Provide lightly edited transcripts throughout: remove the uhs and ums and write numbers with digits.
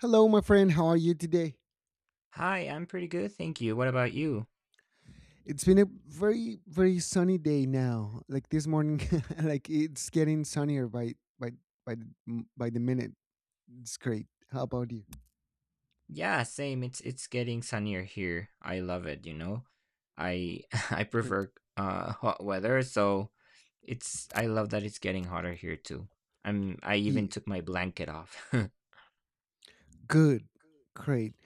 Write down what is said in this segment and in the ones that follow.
Hello, my friend. How are you today? Hi, I'm pretty good, thank you. What about you? It's been a very, very sunny day now. Like this morning, like it's getting sunnier by by by the minute. It's great. How about you? Yeah, same. It's getting sunnier here. I love it, you know. I I Great. prefer hot weather, so it's I love that it's getting hotter here too. I even Yeah. took my blanket off. Good. Great.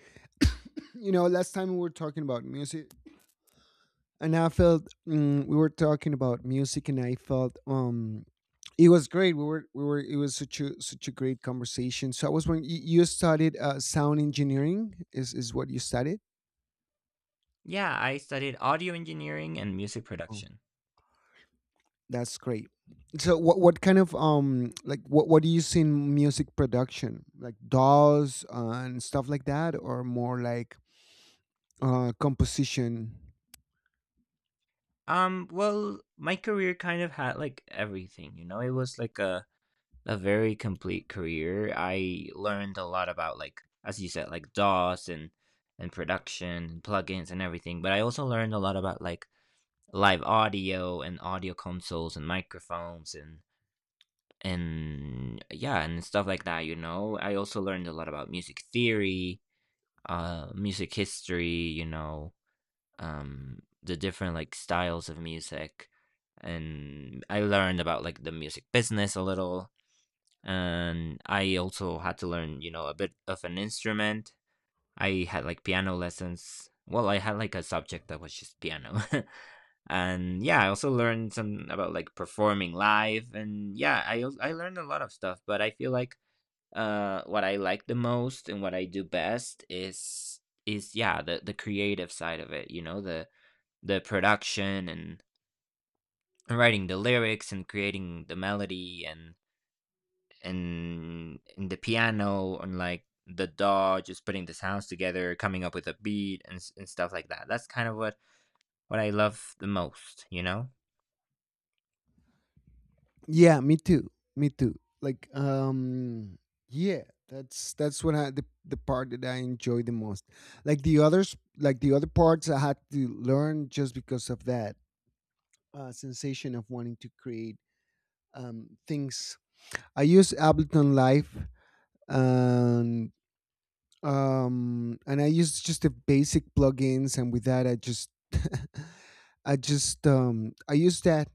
You know, last time we were talking about music, and I felt we were talking about music, and I felt it was great. We were, it was such a great conversation. So I was wondering, you studied sound engineering. Is what you studied? Yeah, I studied audio engineering and music production. That's great. So what kind of like what do you see in music production? Like DAWs and stuff like that, or more like composition? Well, my career kind of had like everything, you know. It was like a very complete career. I learned a lot about, like, as you said, like DOS and production and plugins and everything. But I also learned a lot about like live audio and audio consoles and microphones and yeah, and stuff like that. You know, I also learned a lot about music theory, music history. You know, the different like styles of music. And I learned about like the music business a little, and I also had to learn, you know, a bit of an instrument. I had like piano lessons. Well, I had like a subject that was just piano. And yeah, I also learned some about like performing live, and yeah, I learned a lot of stuff, but I feel like what I like the most and what I do best is yeah, the creative side of it, you know, the production and writing the lyrics and creating the melody and in the piano and like the DAW, just putting the sounds together, coming up with a beat and stuff like that. That's kind of what I love the most, you know. Yeah, me too. Me too. Like yeah, that's what the part that I enjoy the most. Like the other parts I had to learn just because of that sensation of wanting to create things. I use Ableton Live and and I used just the basic plugins, and with that I just I just I used that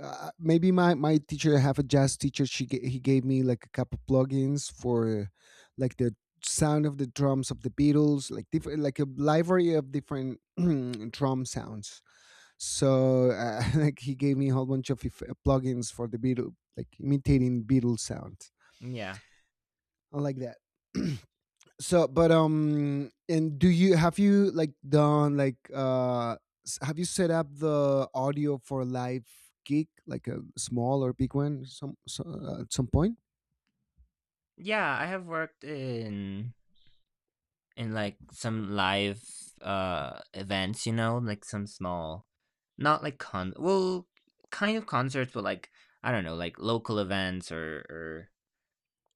maybe my my teacher I have a jazz teacher she ga- he gave me like a couple plugins for like the sound of the drums of the Beatles, like different, like a library of different drum sounds. So like he gave me a whole bunch of plugins for the beatle like imitating beatles sounds. Yeah, I like that. So but and do you, have you like done like have you set up the audio for a live gig, like a small or big one, some, so at some point? yeah. I have worked in like some live events, you know, like some small, not like con, well, kind of concerts, but like I don't know, like local events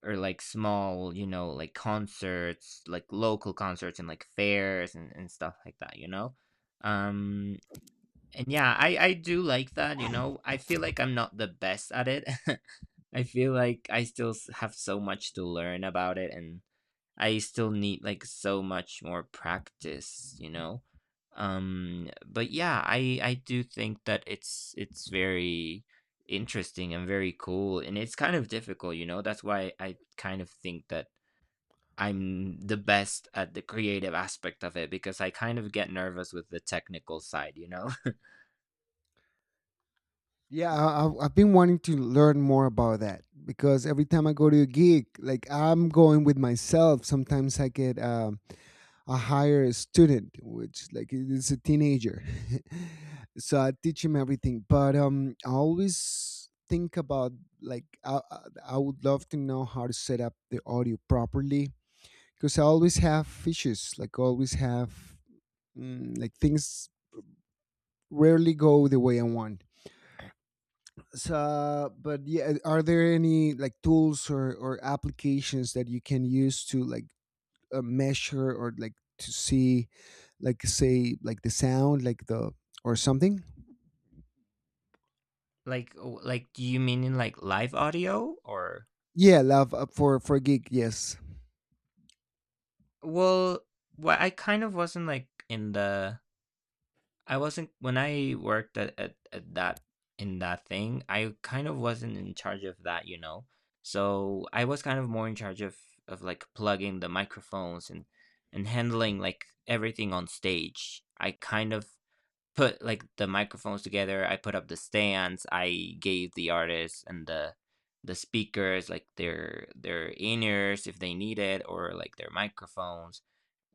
or like small, you know, like concerts, like local concerts and like fairs and stuff like that, you know? Um and yeah, I do like that, you know. I feel like I'm not the best at it. I feel like I have so much to learn about it, and I still need like so much more practice, you know. But yeah, I do think that it's very interesting and very cool, and it's kind of difficult, you know. That's why I kind of think that I'm the best at the creative aspect of it because I kind of get nervous with the technical side, you know. Yeah, I've been wanting to learn more about that, because every time I go to a gig, like I'm going with myself. Sometimes I get I hire a student, which like is a teenager, so I teach him everything. But I always think about like I would love to know how to set up the audio properly, because I always have issues, like always have like things rarely go the way I want. So but yeah, are there any like tools or applications that you can use to like measure or like to see like say like the sound like the or something? like like do you mean in like live audio or Yeah, love, for gig, yes. well, well I kind of wasn't like in the I wasn't when I worked at that in that thing, I kind of wasn't in charge of that, you know. So I was kind of more in charge of like plugging the microphones and handling like everything on stage. I kind of put like the microphones together, I put up the stands, I gave the artists and the speakers like their in-ears if they needed, or like their microphones,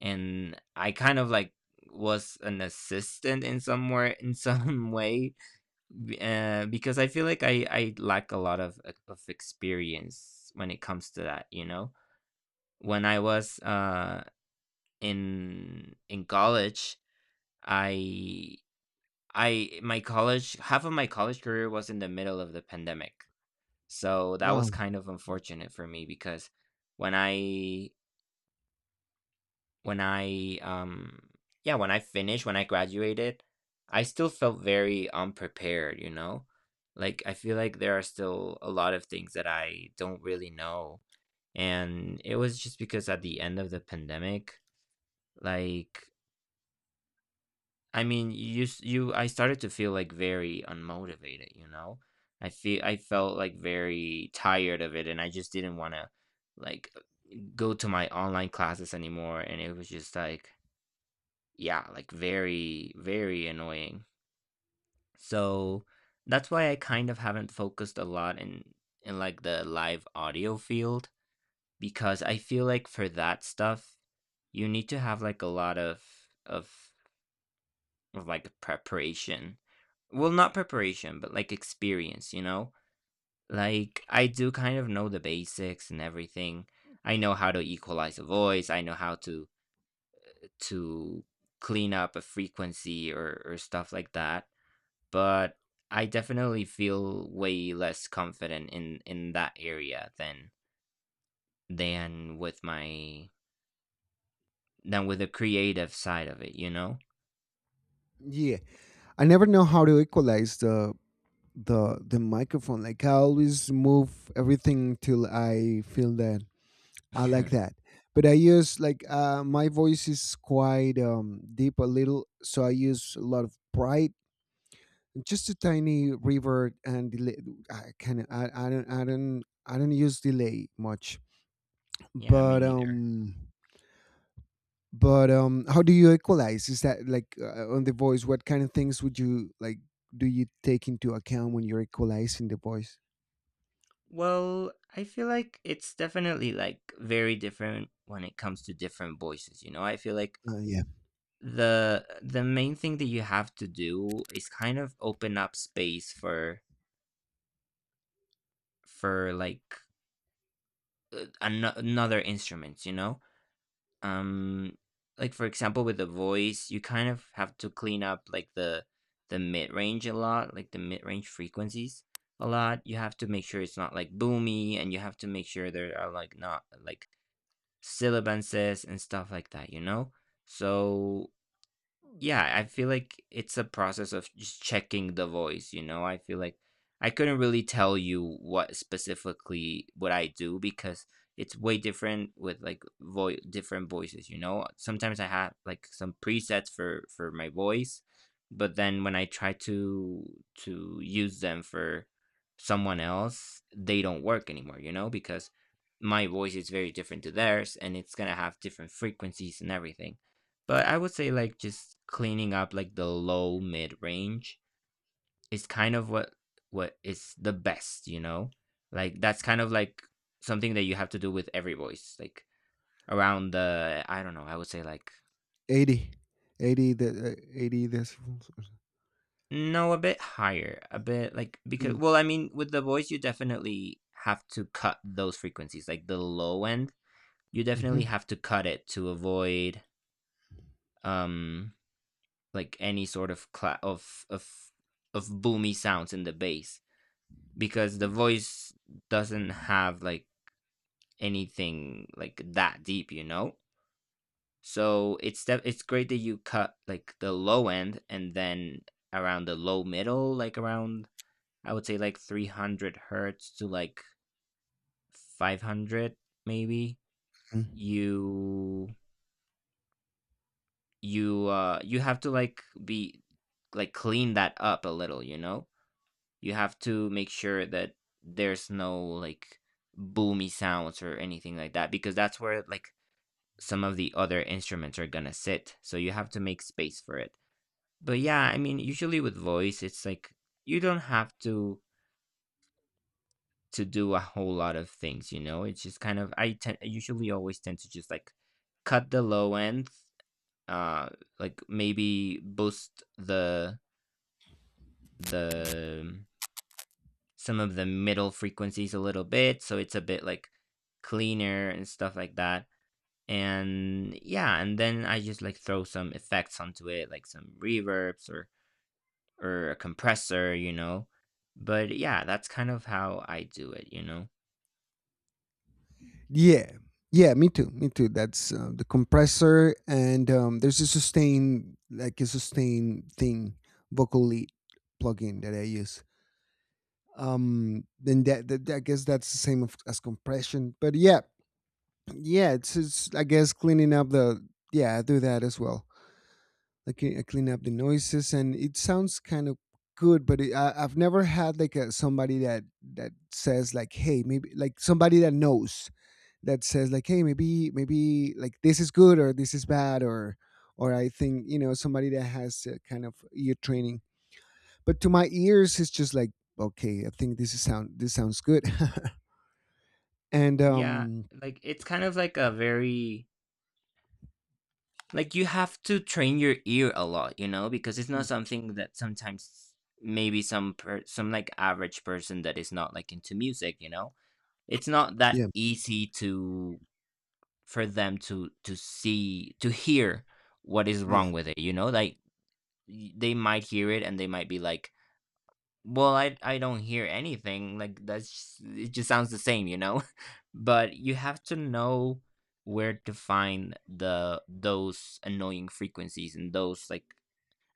and I kind of like was an assistant in somewhere in some way because I feel like I lack a lot of experience when it comes to that, you know. When I was in college, I I my college, half of my college career was in the middle of the pandemic. So that Wow. was kind of unfortunate for me because when I when I, yeah, when I finished, when I graduated, I still felt very unprepared, you know? Like, I feel like there are still a lot of things that I don't really know. And it was just because at the end of the pandemic, like, I mean, I started to feel like very unmotivated, you know? I felt like very tired of it, and I just didn't want to like go to my online classes anymore. And it was just like, yeah, like very, very annoying. So that's why I kind of haven't focused a lot in like the live audio field because I feel like for that stuff you need to have like a lot of of like preparation. Well, not preparation, but like experience, you know? Like I do kind of know the basics and everything. I know how to equalize a voice, I know how to clean up a frequency or stuff like that, but I definitely feel way less confident in that area than with my than with the creative side of it, you know? Yeah, I never know how to equalize the microphone. Like I always move everything till I feel that I like that. But I use like my voice is quite deep a little, so I use a lot of bright, just a tiny reverb and delay. I can I, I don't use delay much. Yeah, me But neither. But how do you equalize? Is that like on the voice? What kind of things would you like? Do you take into account when you're equalizing the voice? Well, I feel like it's definitely like very different when it comes to different voices, you know? I feel like Yeah, the main thing that you have to do is kind of open up space for like another instruments, you know? Um, like for example, with the voice, you kind of have to clean up like the mid range a lot, like the mid range frequencies a lot. You have to make sure it's not like boomy, and you have to make sure there are like not like sibilances and stuff like that. You know, so yeah, I feel like it's a process of just checking the voice, you know? I feel like I couldn't really tell you what specifically what I do because it's way different with like voice different voices, you know? Sometimes I have like some presets for my voice, but then when I try to use them for someone else, they don't work anymore, you know? Because my voice is very different to theirs, and it's going to have different frequencies and everything. But I would say like just cleaning up like the low mid range is kind of what is the best, you know? Like that's kind of like something that you have to do with every voice. Like around the I don't know, I would say like 80, the 80 decibels. no, a bit higher. A bit like because Mm-hmm. well, I mean with the voice you definitely have to cut those frequencies. Like the low end, you Mm-hmm. definitely have to cut it to avoid um like any sort of of of boomy sounds in the bass because the voice doesn't have like anything like that deep, you know. So it's that it's great that you cut like the low end, and then around the low middle, like around I would say like 300 hertz to like 500 maybe. You you have to like be like clean that up a little, you know? You have to make sure that there's no like boomy sounds or anything like that because that's where like some of the other instruments are gonna sit. So you have to make space for it. But yeah, I mean, usually with voice, it's like you don't have to do a whole lot of things, you know? It's just kind of I usually always tend to just like cut the low end, uh like maybe boost the some of the middle frequencies a little bit, so it's a bit like cleaner and stuff like that. And yeah, and then I just like throw some effects onto it, like some reverbs or a compressor, you know. But yeah, that's kind of how I do it, you know. Yeah, me too. That's the compressor, and there's a sustain, like a sustain thing, vocal lead plugin that I use. Then that I guess that's the same of, as compression, but yeah, yeah, it's I guess cleaning up the yeah, I do that as well. Like I clean up the noises, and it sounds kind of good. But I've never had like a somebody that that says like, hey, maybe like somebody that knows that says like hey maybe like this is good or this is bad or I think you know, somebody that has kind of ear training. But to my ears it's just like okay, I think this is sound this sounds good. And Yeah, like it's kind of like a very like you have to train your ear a lot, you know, because it's not something that sometimes maybe some like average person that is not like into music, you know, it's not that yeah, easy to for them to see to hear what is yeah wrong with it, you know, like they might hear it and they might be like well, i don't hear anything like that's it just sounds the same, you know. But you have to know where to find the those annoying frequencies and those like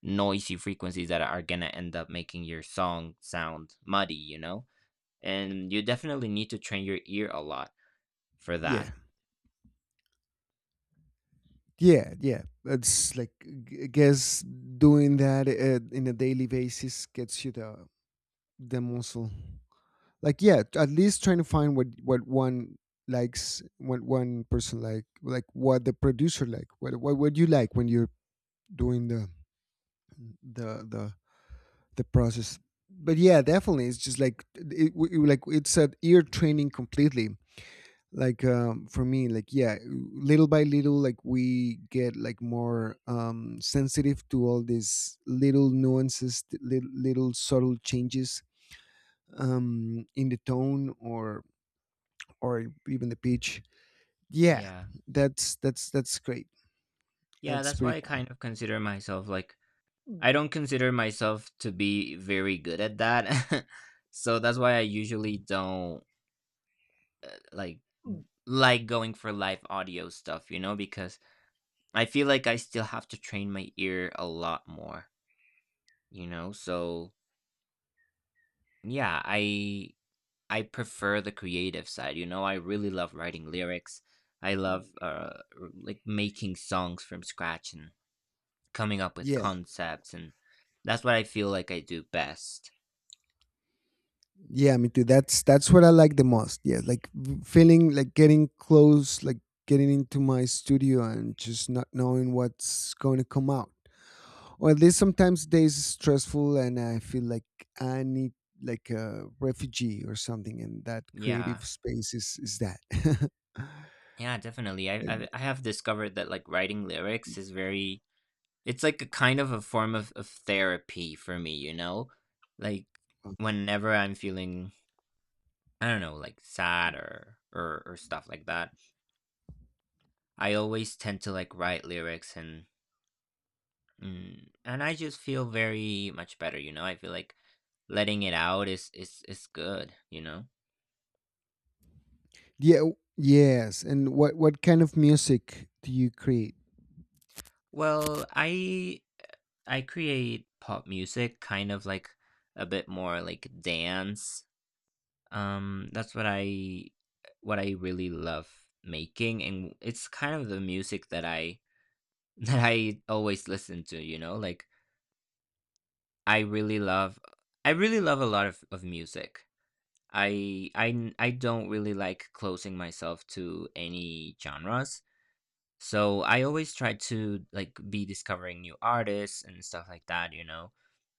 noisy frequencies that are gonna end up making your song sound muddy, you know, and you definitely need to train your ear a lot for yeah that. Yeah, it's like I guess doing that in a daily basis gets you the muscle. Like yeah, at least trying to find what one likes, what one person like what the producer like what would you like when you're doing the the process. But yeah, definitely, it's just like it, like it's an ear training completely. Like for me like yeah, little by little, like we get like more sensitive to all these little nuances little subtle changes in the tone or even the beach. Yeah, Yeah. That's great. Yeah, That's that's pretty why I cool. kind of consider myself like I don't consider myself to be very good at that. So that's why I usually don't uh, like like going for live audio stuff, you know, because I feel like I still have to train my ear a lot more, you know? So, yeah, I prefer the creative side, you know? I really love writing lyrics. I love like making songs from scratch and coming up with Yeah, concepts and that's what I feel like I do best. yeah, me too. That's what I like the most. Yeah, like feeling like getting close, like getting into my studio and just not knowing what's going to come out. Or at least sometimes days is stressful and I feel like I need like a refugee or something, and that creative Yeah. space is that. Yeah, definitely. I have discovered that like writing lyrics is very it's like a kind of a form of therapy for me, you know? Like Uh, whenever I'm feeling I don't know, like sad or stuff like that, I always tend to like write lyrics and and I just feel very much better, you know? I feel like letting it out is good, you know? yeah. Yes. And what kind of music do you create? Well, I create pop music, kind of like a bit more like dance. That's what I What I really love making, and it's kind of the music that I that I always listen to. You know, like I really love I really love a lot of music. I don't really like closing myself to any genres. So I always try to like be discovering new artists and stuff like that, you know,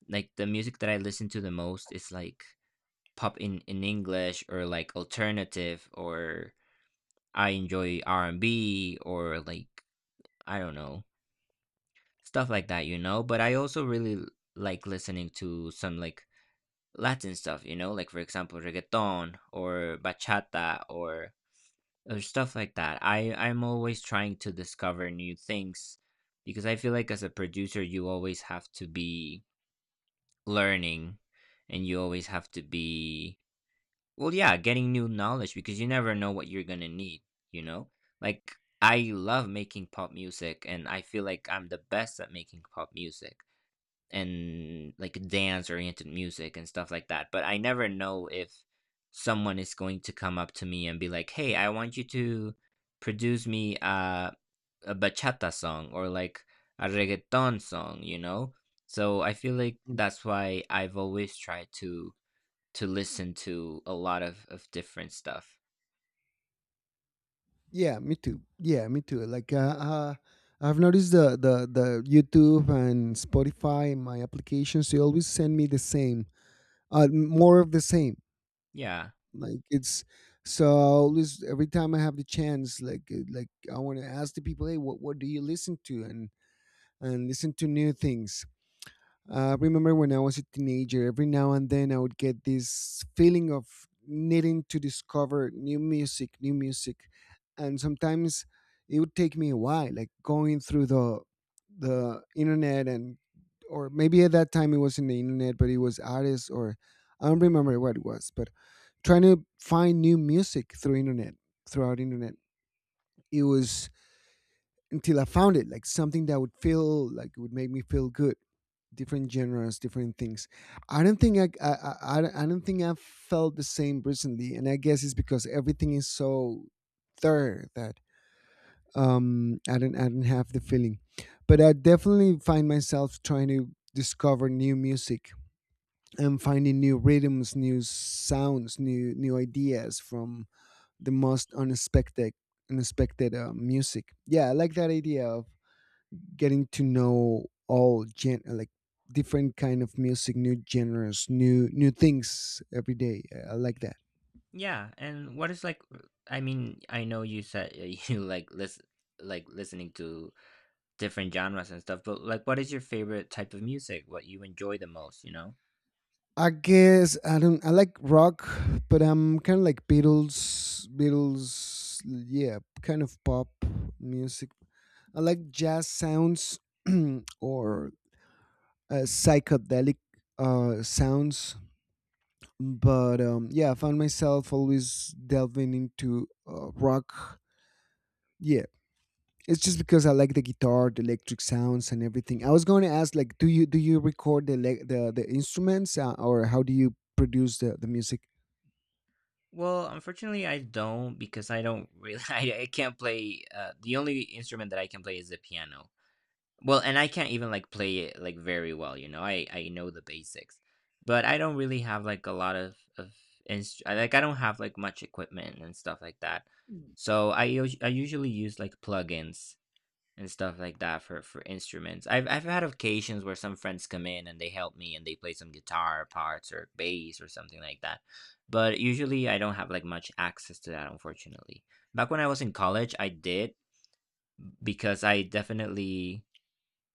like the music that I listen to the most is like pop in English or like alternative, or I enjoy R&B, or like I don't know stuff like that, you know. But I also really like listening to some like Latin stuff, you know, like for example reggaeton or bachata or stuff like that. I'm always trying to discover new things because I feel like as a producer you always have to be learning, and you always have to be, well, yeah, getting new knowledge because you never know what you're gonna need, you know? Like, I love making pop music and I feel like I'm the best at making pop music and like dance oriented music and stuff like that. But I never know if someone is going to come up to me and be like, hey, I want you to produce me a bachata song or like a reggaeton song, you know? So I feel like that's why I've always tried to listen to a lot of different stuff. Yeah, me too. Yeah, me too. Like, I've noticed the YouTube and Spotify, my applications, they always send me the same, more of the same. Yeah. Like it's so I always every time I have the chance, like I want to ask the people, hey, what do you listen to? And listen to new things. Remember when I was a teenager, every now and then I would get this feeling of needing to discover new music, and sometimes it would take me a while, like going through the internet and or maybe at that time it wasn't the internet, but it was artists or I don't remember what it was, but trying to find new music through internet throughout internet, it was until I found it, like something that would feel like would make me feel good. Different genres, different things. I don't think I think I felt the same recently, and I guess it's because everything is so third that I don't have the feeling, but I definitely find myself trying to discover new music and finding new rhythms, new sounds, new new ideas from the most unexpected music. Yeah, I like that idea of getting to know all gen like different kind of music, new genres, new new things every day. I like that. Yeah, and what is like, I mean, I know you said you like listening to different genres and stuff, but like what is your favorite type of music? What you enjoy the most, you know? I guess I don't. I like rock, but I'm kind of like Beatles. Beatles, yeah, kind of pop music. I like jazz sounds or psychedelic sounds. But yeah, I found myself always delving into rock. Yeah, it's just because I like the guitar, the electric sounds, and everything. I was going to ask, like, do you record the the instruments, or how do you produce the music? Well, unfortunately, I don't because I don't really I can't play the only instrument that I can play is the piano. Well, and I can't even like play it like very well, you know. I know the basics, but I don't really have like a lot of like I don't have like much equipment and stuff like that. So I usually use like plugins and stuff like that for instruments. I've had occasions where some friends come in and they help me and they play some guitar parts or bass or something like that. But usually I don't have like much access to that, unfortunately. Back when I was in college, I did because I definitely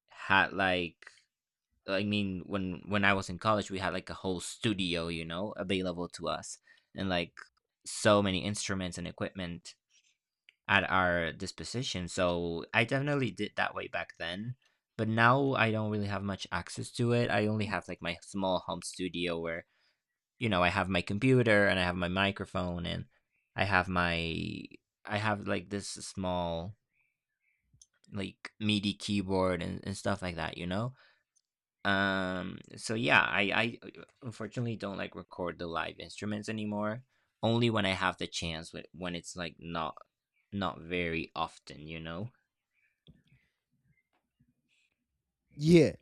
had like, I mean, when I was in college, we had like a whole studio, you know, available to us, and like so many instruments and equipment at our disposition. So I definitely did that way back then. But now I don't really have much access to it. I only have like my small home studio where, you know, I have my computer and I have my microphone and I have my I have like this small like MIDI keyboard and stuff like that, you know? So yeah, I unfortunately don't like record the live instruments anymore. Only when I have the chance, when it's like not not very often, you know? Yeah,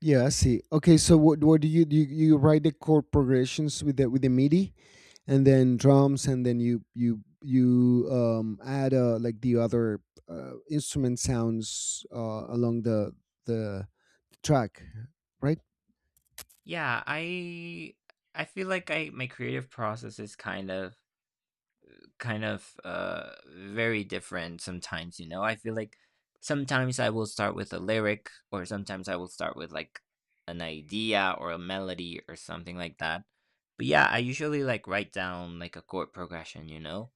yeah, I see. Okay, so what do you do? You write the chord progressions with the MIDI, and then drums, and then you add like the other instrument sounds along the track, right? Yeah, I feel like I my creative process is kind of kind of very different sometimes, you know. I feel like sometimes I will start with a lyric, or sometimes I will start with like an idea or a melody or something like that. But yeah, I usually like write down like a chord progression, you know.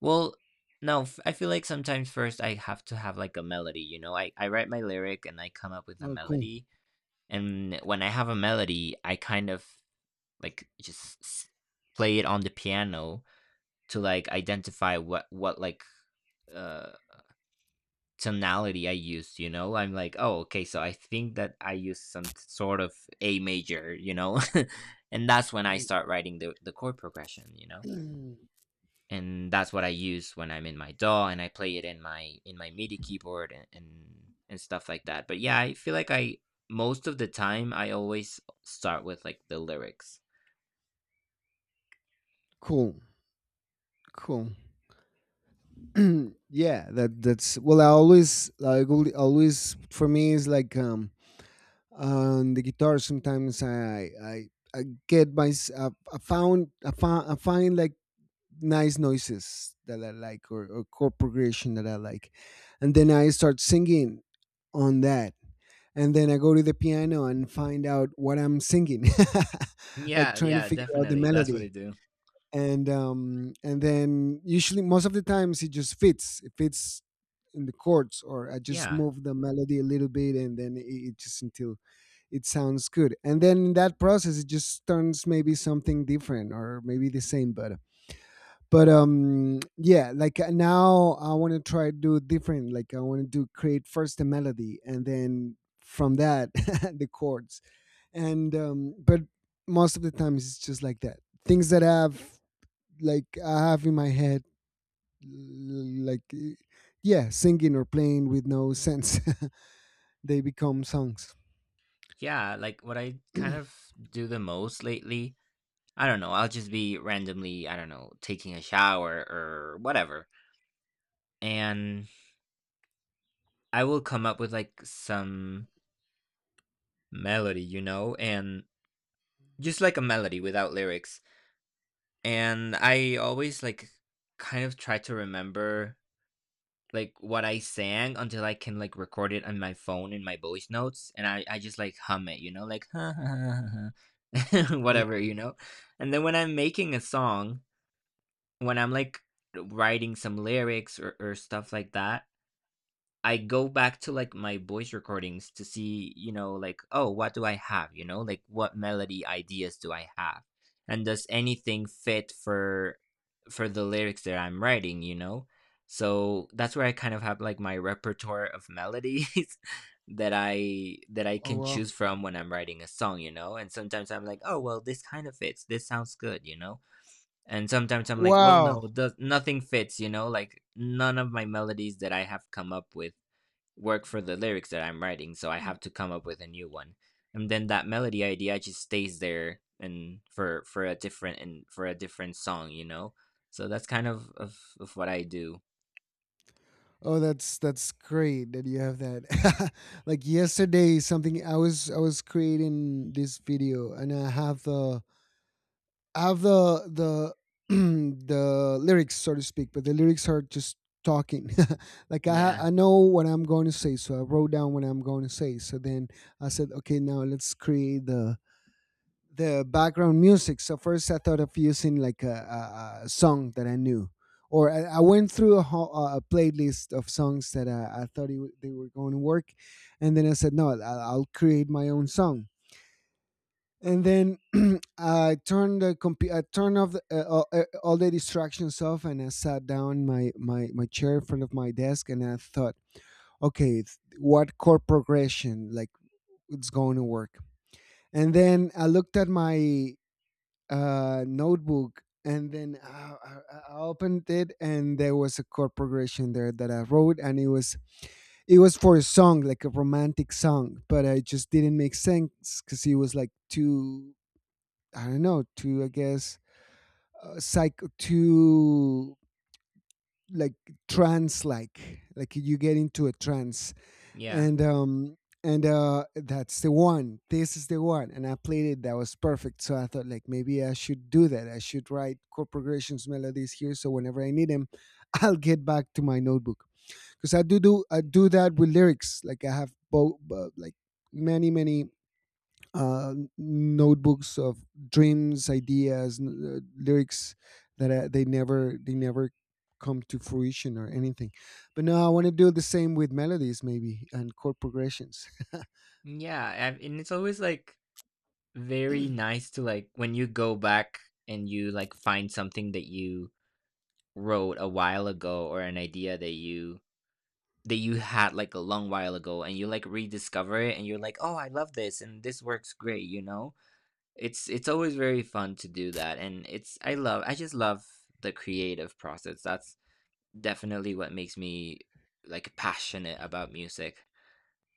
Well, no f- I feel like sometimes first I have to have like a melody, you know. I write my lyric and I come up with a Oh, cool. melody, and when I have a melody I kind of like play it on the piano to like identify what like uh tonality I used, you know? I'm like, oh, okay, so I think that I used some sort of A major, you know? And that's when I Yeah, start writing the chord progression, you know? And that's what I use when I'm in my DAW and I play it in my MIDI keyboard and stuff like that. But yeah, I feel like I most of the time I always start with like the lyrics. cool, cool. Yeah, that that's well. I always like always for me is like on the guitar. Sometimes I get my I find like nice noises that I like, or chord progression that I like, and then I start singing on that. And then I go to the piano and find out what I'm singing, like Yeah, trying to yeah, figure out the definitely. That's what I melody. do. And and then usually most of the times it just fits in the chords, or I just Yeah. move the melody a little bit, and then it just until it sounds good, and then in that process it just turns maybe something different or maybe the same. But yeah, like now I want to try to do different, like I want to do create first the melody and then from that the chords. And but most of the times it's just like that, things that have like I have in my head, like yeah, singing or playing with no sense. They become songs. Yeah, like what I kind of do the most lately, I don't know, I'll just be randomly, I don't know, taking a shower or whatever. And I will come up with like some melody, you know, and just like a melody without lyrics. And I always like kind of try to remember like what I sang until I can like record it on my phone in my voice notes and I just like hum it, you know, like Yeah. whatever, you know. And then when I'm making a song, when I'm like writing some lyrics or stuff like that, I go back to like my voice recordings to see, you know, like, oh, what do I have? You know, like what melody ideas do I have? And does anything fit for the lyrics that I'm writing, you know? So that's where I kind of have like my repertoire of melodies that I Oh can wow. choose from when I'm writing a song, you know? And sometimes I'm like, oh, well, this kind of fits. This sounds good, you know? And sometimes I'm like, well, Wow. no, does nothing fits, you know, like none of my melodies that I have come up with work for the lyrics that I'm writing, so I have to come up with a new one. And then that melody idea just stays there, and for a different song, you know. So that's kind of of what I do. Oh, that's great that you have that. Like yesterday, something I was creating this video, and I have the the lyrics, so to speak, but the lyrics are just talking. Like I Yeah, I know what I'm going to say, so I wrote down what I'm going to say. So then I said, okay, now let's create the background music. So first I thought of using like a song that I knew, or I went through a whole, a playlist of songs that I thought it, would- they were going to work, and then I said no, I'll create my own song. And then I turned off the, all the distractions off, and I sat down in my chair in front of my desk, and I thought, okay, it's- what chord progression like it's going to work? And then I looked at my notebook and then I opened it and there was a chord progression there that I wrote, and it was for a song like a romantic song, but it just didn't make sense because it was like too, I don't know, too, I guess, psych, too, like trance, like you get into a trance. yeah, And um and uh that's the one, this is the one, and I played it. That was perfect. So I thought, like, maybe I should do that. I should write chord progressions, melodies here, so whenever I need them I'll get back to my notebook. Because I do do I do that with lyrics. Like I have both, like many notebooks of dreams, ideas, lyrics that they never come to fruition or anything. But now I want to do the same with melodies, maybe, and chord progressions. yeah, and it's always like very nice to like when you go back and you like find something that you wrote a while ago, or an idea that you had like a long while ago and you like rediscover it and you're like, oh, I love this and this works great, you know. It's always very fun to do that, and it's I just love the creative process. That's definitely what makes me like passionate about music.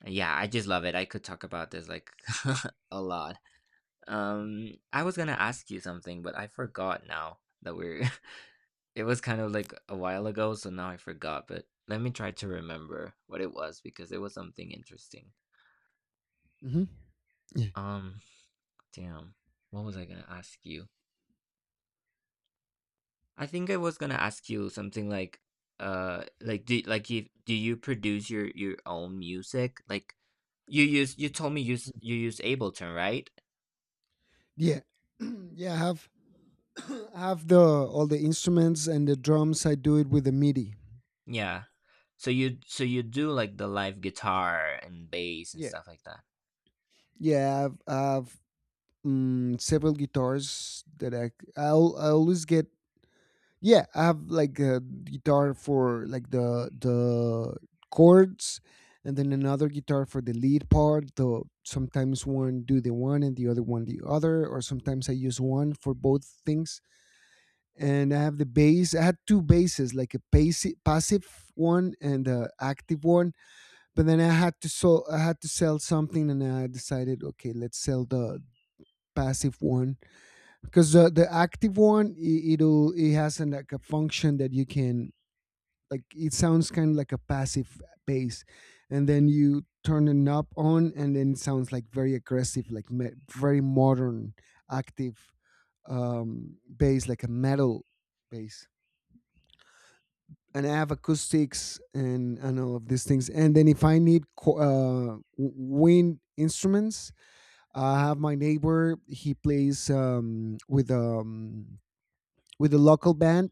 Yeah, I just love it. I could talk about this like a lot. I was gonna ask you something but I forgot now that we're it was kind of like a while ago, so now I forgot, but let me try to remember what it was because it was something interesting. Hmm. Yeah, Um, damn. What was I gonna ask you? I think I was gonna ask you something like, like do like if do you produce your own music? Like you told me you you use Ableton, right? yeah, yeah. I have I have the all the instruments and the drums. I do it with the MIDI. Yeah. So you, so you do like the live guitar and bass and Yeah, stuff like that. yeah. I've several guitars that I always get. Yeah, I have like a guitar for like the chords, and then another guitar for the lead part. Though sometimes one do the one and the other one the other, or sometimes I use one for both things. And I have the bass. I had two basses, like a passive one and a active one. But then I had to so I had to sell something, and I decided, okay, let's sell the passive one, because the active one, it'll it has an, like a function that you can, like, it sounds kind of like a passive bass, and then you turn the knob on and then it sounds like very aggressive, like very modern, active, bass, like a metal bass. And I have acoustics and all of these things. And then if I need wind instruments, I have my neighbor. He plays with a local band,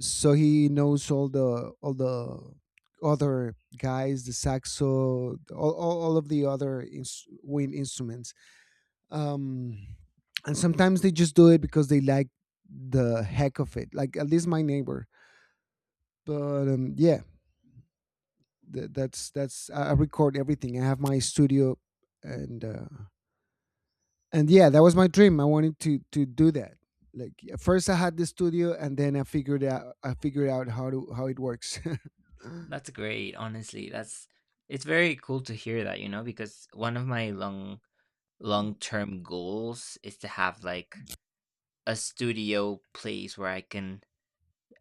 so he knows all the other guys, the saxo, all of the other wind instruments. um and sometimes they just do it because they like the heck of it, like at least my neighbor. But yeah, that's I record everything. I have my studio. And and yeah, that was my dream. I wanted to do that. Like at first I had the studio, and then I figured out how to how it works. That's great. Honestly, that's it's very cool to hear that, you know, because one of my long-term goals is to have like a studio place where I can,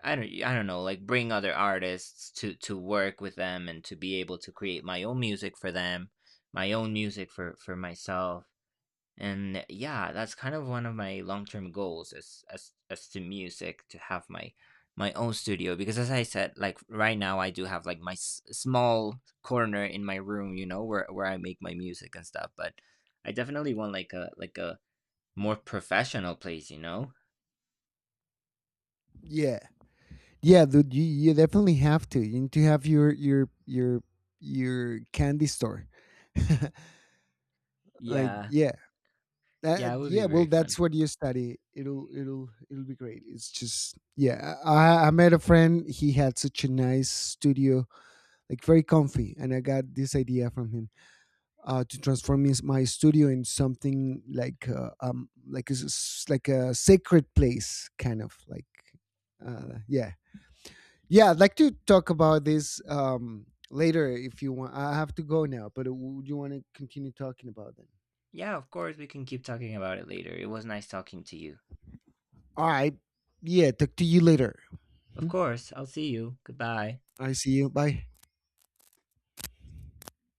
I don't know, like bring other artists to work with them and to be able to create my own music for them, my own music for myself. And yeah, that's kind of one of my long-term goals as as to music, to have my my own studio, because as I said, like right now I do have like my small corner in my room, you know, where I make my music and stuff. But I definitely want like a more professional place, you know. Yeah. Yeah, dude, you definitely have to. You need to have your your candy store. Like, Yeah, yeah, that, yeah, it would be yeah. Well, very fun. that's what you study. It'll it'll be great. It's just yeah. I met a friend. He had such a nice studio, like very comfy, and I got this idea from him, to transform his, my studio in something like like a sacred place, kind of like, yeah, yeah, I'd like to talk about this, later if you want. I have to go now, but would you want to continue talking about it? Yeah, of course, we can keep talking about it later. It was nice talking to you. All right. Yeah, talk to you later. Of Mhm. course, I'll see you. Goodbye. I see you. Bye.